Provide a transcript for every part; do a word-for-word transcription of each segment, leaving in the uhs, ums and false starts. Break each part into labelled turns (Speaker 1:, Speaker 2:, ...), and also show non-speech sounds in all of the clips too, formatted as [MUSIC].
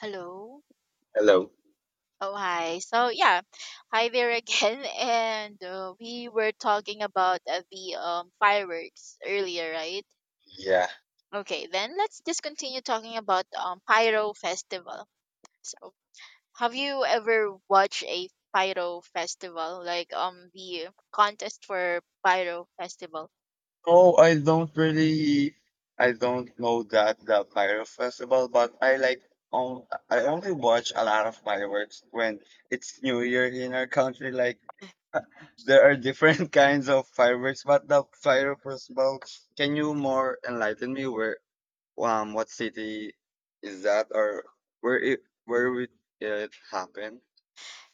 Speaker 1: Hello.
Speaker 2: Hello.
Speaker 1: Oh, hi. So, yeah, hi there again. [LAUGHS] And uh, we were talking about uh, the um, fireworks earlier, right?
Speaker 2: Yeah.
Speaker 1: Okay, then let's just continue talking about um, Pyro Festival. So, have you ever watched a Pyro Festival, like um the contest for Pyro Festival?
Speaker 2: Oh, I don't really, I don't know that the fireworks festival, but I like on I only watch a lot of fireworks when it's New Year in our country. Like there are different [LAUGHS] kinds of fireworks, but the fireworks festival. Can you more enlighten me where um what city is that, or where it where would it happen?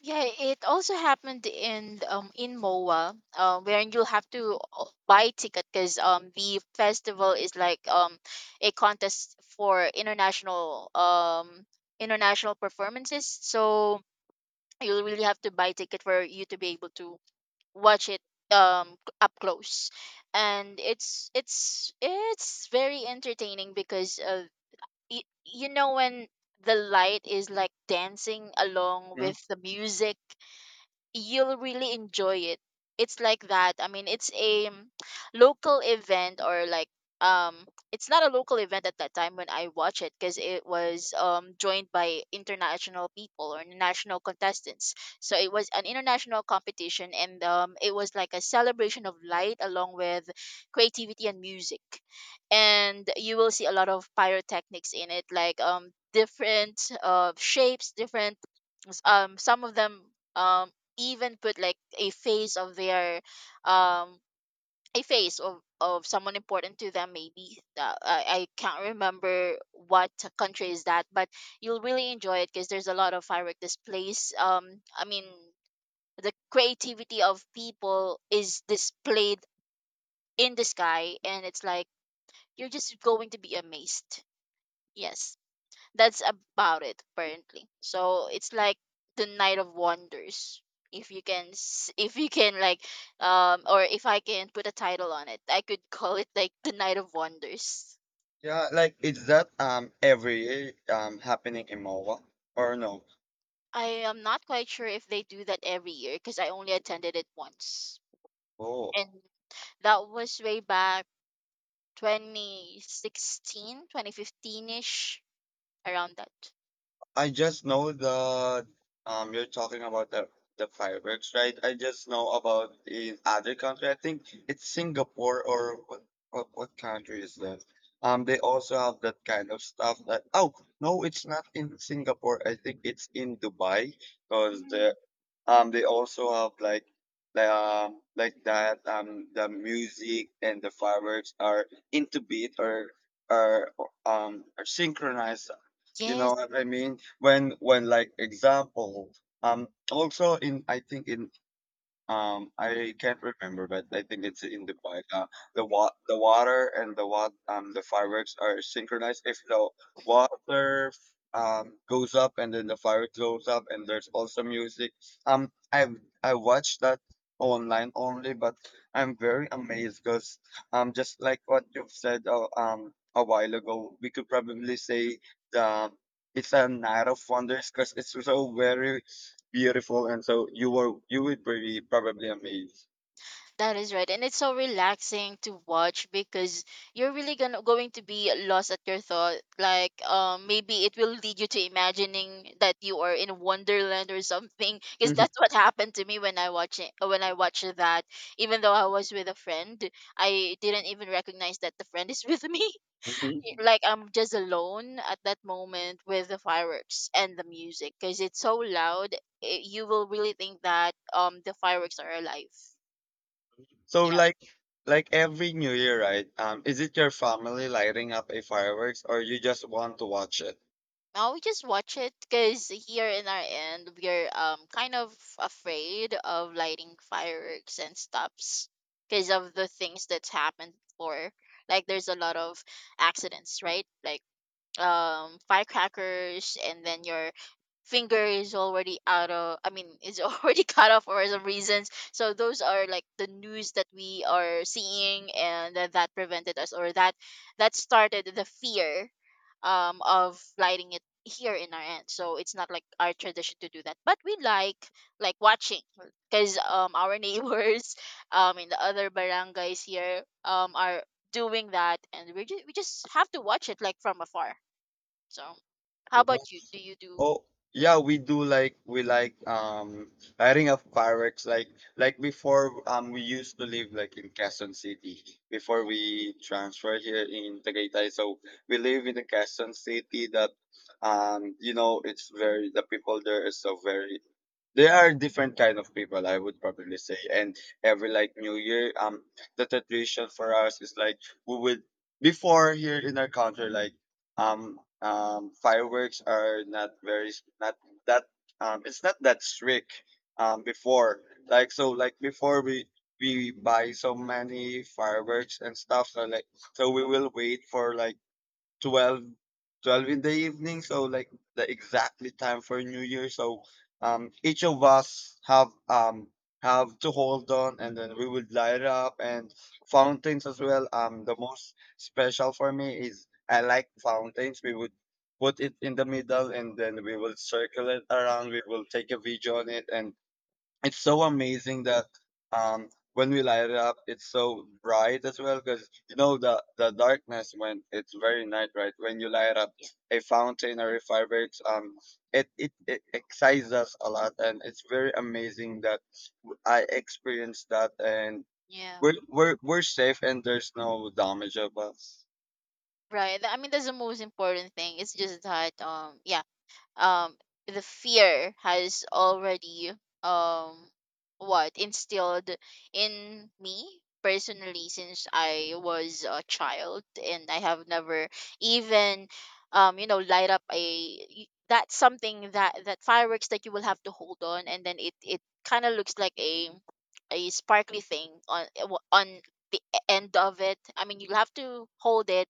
Speaker 1: Yeah, it also happened in um in M O A, uh, where you will have to uh, buy ticket because um the festival is like um a contest for international um international performances. So you will really have to buy ticket for you to be able to watch it um c- up close, and it's it's it's very entertaining because uh y- you know when the light is like dancing along
Speaker 2: Hmm?
Speaker 1: with the music you'll really enjoy it. It's like that. I mean, it's a um, local event or like um it's not a local event at that time when I watch it because it was um joined by international people or national contestants. So it was an international competition and um it was like a celebration of light along with creativity and music. And you will see a lot of pyrotechnics in it like um different uh shapes, different s- um some of them um even put like a face of their um a face of of someone important to them maybe uh, I, I can't remember what country is that but you'll really enjoy it because there's a lot of firework displays um I mean the creativity of people is displayed in the sky, and it's like you're just going to be amazed. Yes, that's about it apparently. So it's like the night of wonders. If you can s- if you can like um or if I can put a title on it, I could call it like the night of wonders.
Speaker 2: Yeah, like, is that um every year um happening in Moa or no?
Speaker 1: I am not quite sure if they do that every year because I only attended it once,
Speaker 2: Oh,
Speaker 1: and that was way back twenty sixteen, twenty fifteen ish, around that.
Speaker 2: I just know that um you're talking about the the fireworks, right? I just know about in other country. I think it's Singapore, or what what, what country is that? Um, they also have that kind of stuff. That oh no, it's not in Singapore. I think it's in Dubai because
Speaker 1: Mm.
Speaker 2: Um, they also have like like um like that, um the music and the fireworks are into beat, or are um are synchronized. You know
Speaker 1: Yes.
Speaker 2: what I mean? When when like, example, um also in, I think in, um, I can't remember, but I think it's in Dubai. Uh, the wa the water and the wa um the fireworks are synchronized. If the water um goes up and then the fireworks goes up, and there's also music. Um, I I watched that online only, but I'm very amazed because um just like what you've said uh, um a while ago, we could probably say the it's a night of wonders, because it's so very beautiful. And so you were you would be probably amazed.
Speaker 1: That is right. And it's so relaxing to watch because you're really gonna going to be lost at your thought. Like um maybe it will lead you to imagining that you are in Wonderland or something. Because
Speaker 2: Mhm.
Speaker 1: that's what happened to me when I watch it when I watched that. Even though I was with a friend, I didn't even recognize that the friend is with me. [LAUGHS]
Speaker 2: Mhm.
Speaker 1: Like I'm just alone at that moment with the fireworks and the music because it's so loud. It, you will really think that um the fireworks are alive.
Speaker 2: So,
Speaker 1: Yeah.
Speaker 2: like like every new year, right, um is it your family lighting up a fireworks, or you just want to watch it?
Speaker 1: Now we just watch it because here in our end we're um kind of afraid of lighting fireworks and stuffs because of the things that's happened before. Like there's a lot of accidents, right? Like um firecrackers and then your finger is already out of I mean is already [LAUGHS] cut off for some reasons. So those are like the news that we are seeing, and that, that prevented us or that that started the fear um of lighting it here in our end. So it's not like our tradition to do that, but we like like watching because um our neighbors [LAUGHS] um in the other barangays here um are doing that, and we just we just have to watch it like from afar. So how
Speaker 2: Oh no.
Speaker 1: about you, do you do.
Speaker 2: Oh, yeah, we do. Like, we like um lighting up fireworks. Like like before, um we used to live like in Quezon City before we transferred here in Tagaytay. So we live in the Quezon City that um you know it's very, the people there is so very. There are different kind of people, I would probably say. And every like new year, um the tradition for us is like we would. Before, here in our country, like, um um fireworks are not very s- not that, um it's not that strict, um before. Like, so like before, we we buy so many fireworks and stuff. So, like, so we will wait for like Twelve, twelve in the evening, so like the exactly time for new year. So um each of us have um have to hold on, and then we would light up and fountains as well. Um the most special for me is, I like fountains. We would put it in the middle and then we will circle it around. We will take a video on it, and it's so amazing that um when we light it up, it's so bright as well because, you know, the the darkness, when it's very night, right? When you light up a fountain or a fireworks, um it it, it excites us a lot. And it's very amazing that w- I experienced that, and
Speaker 1: Yeah,
Speaker 2: we're we're, we're safe and there's no damage of us.
Speaker 1: right. Th- I mean, that's the most important thing. It's just that um yeah, um the fear has already um what instilled in me personally since I was a child, and I have never even um you know light up a y- that's something that that fireworks that you will have to hold on, and then it it kind of looks like a a sparkly thing on on the e, end of it. I mean, you have to hold it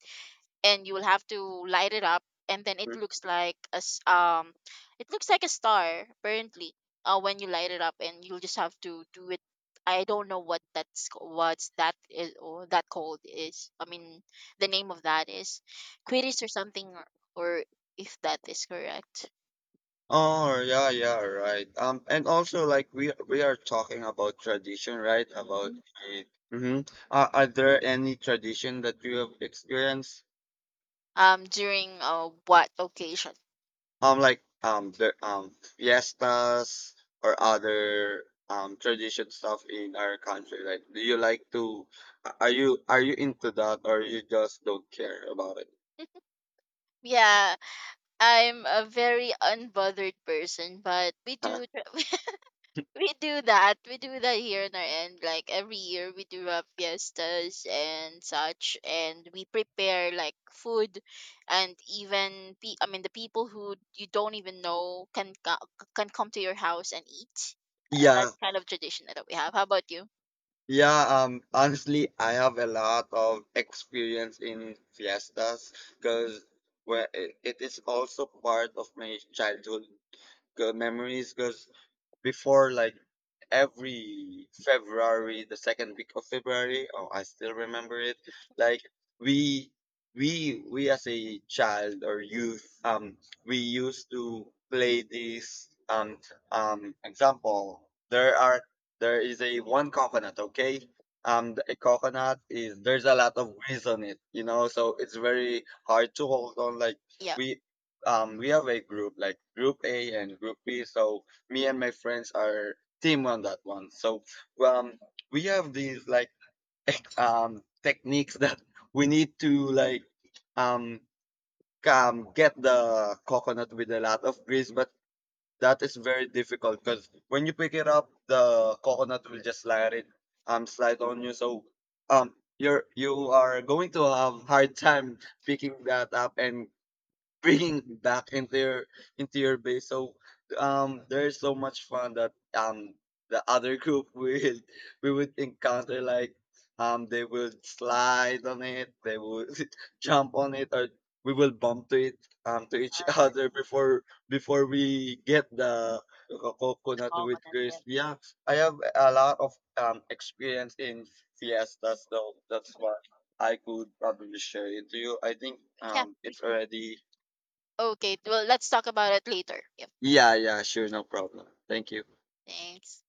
Speaker 1: and you will have to light it up, and then it looks like a s- um it looks like a star apparently uh, when you light it up, and you'll just have to do it. I don't know what that's ca- what's that is or that called is. I mean, the name of that is quidditch or something, or, or if that is correct.
Speaker 2: Oh yeah, yeah, right. Um, and also, like, we we are talking about tradition, right? About
Speaker 1: Mm.
Speaker 2: it. Mm-hmm. Uh, are there any tradition that you have experienced?
Speaker 1: Um during uh, what occasion.
Speaker 2: Um, like, um the, um fiestas or other um tradition stuff in our country. Like, do you like to? Are you are you into that, or you just don't care about it? [LAUGHS]
Speaker 1: [LAUGHS] Yeah, I'm a very unbothered person, but we
Speaker 2: Huh?
Speaker 1: do. [LAUGHS] We do that. We do that here in our end. Like every year, we do have fiestas and such, and we prepare like food, and even pe- I mean the people who you don't even know can co- can come to your house and eat. Uh, that
Speaker 2: Yeah,
Speaker 1: kind of tradition that we have. How about you?
Speaker 2: yeah, um, honestly, I have a lot of experience in fiestas, because where it, it is also part of my childhood 'cause memories. Because before, like, every February, the second week of February. Oh, I still remember it. Like,
Speaker 1: [LAUGHS]
Speaker 2: we we we as a child or youth, um, we used to play this, um um example. There are there is a one coconut, okay? Um, the- a coconut is, there's a lot of grease on it, you know, so it's very hard to hold on. Like,
Speaker 1: Yeah.
Speaker 2: we um we have a group, like, group A and group B. So, me and my friends are team on that one. So um, we have these, like, ex- um, techniques that we need to, like, um, um get the coconut with a lot of grease. But that is very difficult because when you pick it up, the coconut will just slide it um slide on you. So um you're you are going to have hard time picking that up and bringing back into your into your base. So um, there's so much fun that um the other group [LAUGHS] will we would encounter, like, um they will slide on it, they will [LAUGHS] jump on it, or we will bump to it, um to each [LAUGHS]
Speaker 1: Uh, the,
Speaker 2: other before before we get the co-
Speaker 1: the
Speaker 2: coconut with
Speaker 1: coconut. Yeah.
Speaker 2: crisp. Yeah, I have a lot of um experience in fiestas, so that's why I could probably share it to you. I think
Speaker 1: yeah.
Speaker 2: um
Speaker 1: we-
Speaker 2: it's already.
Speaker 1: Okay. Well, let's talk about it later. Yep.
Speaker 2: Yeah, yeah, sure, no problem. Thank you.
Speaker 1: Thanks.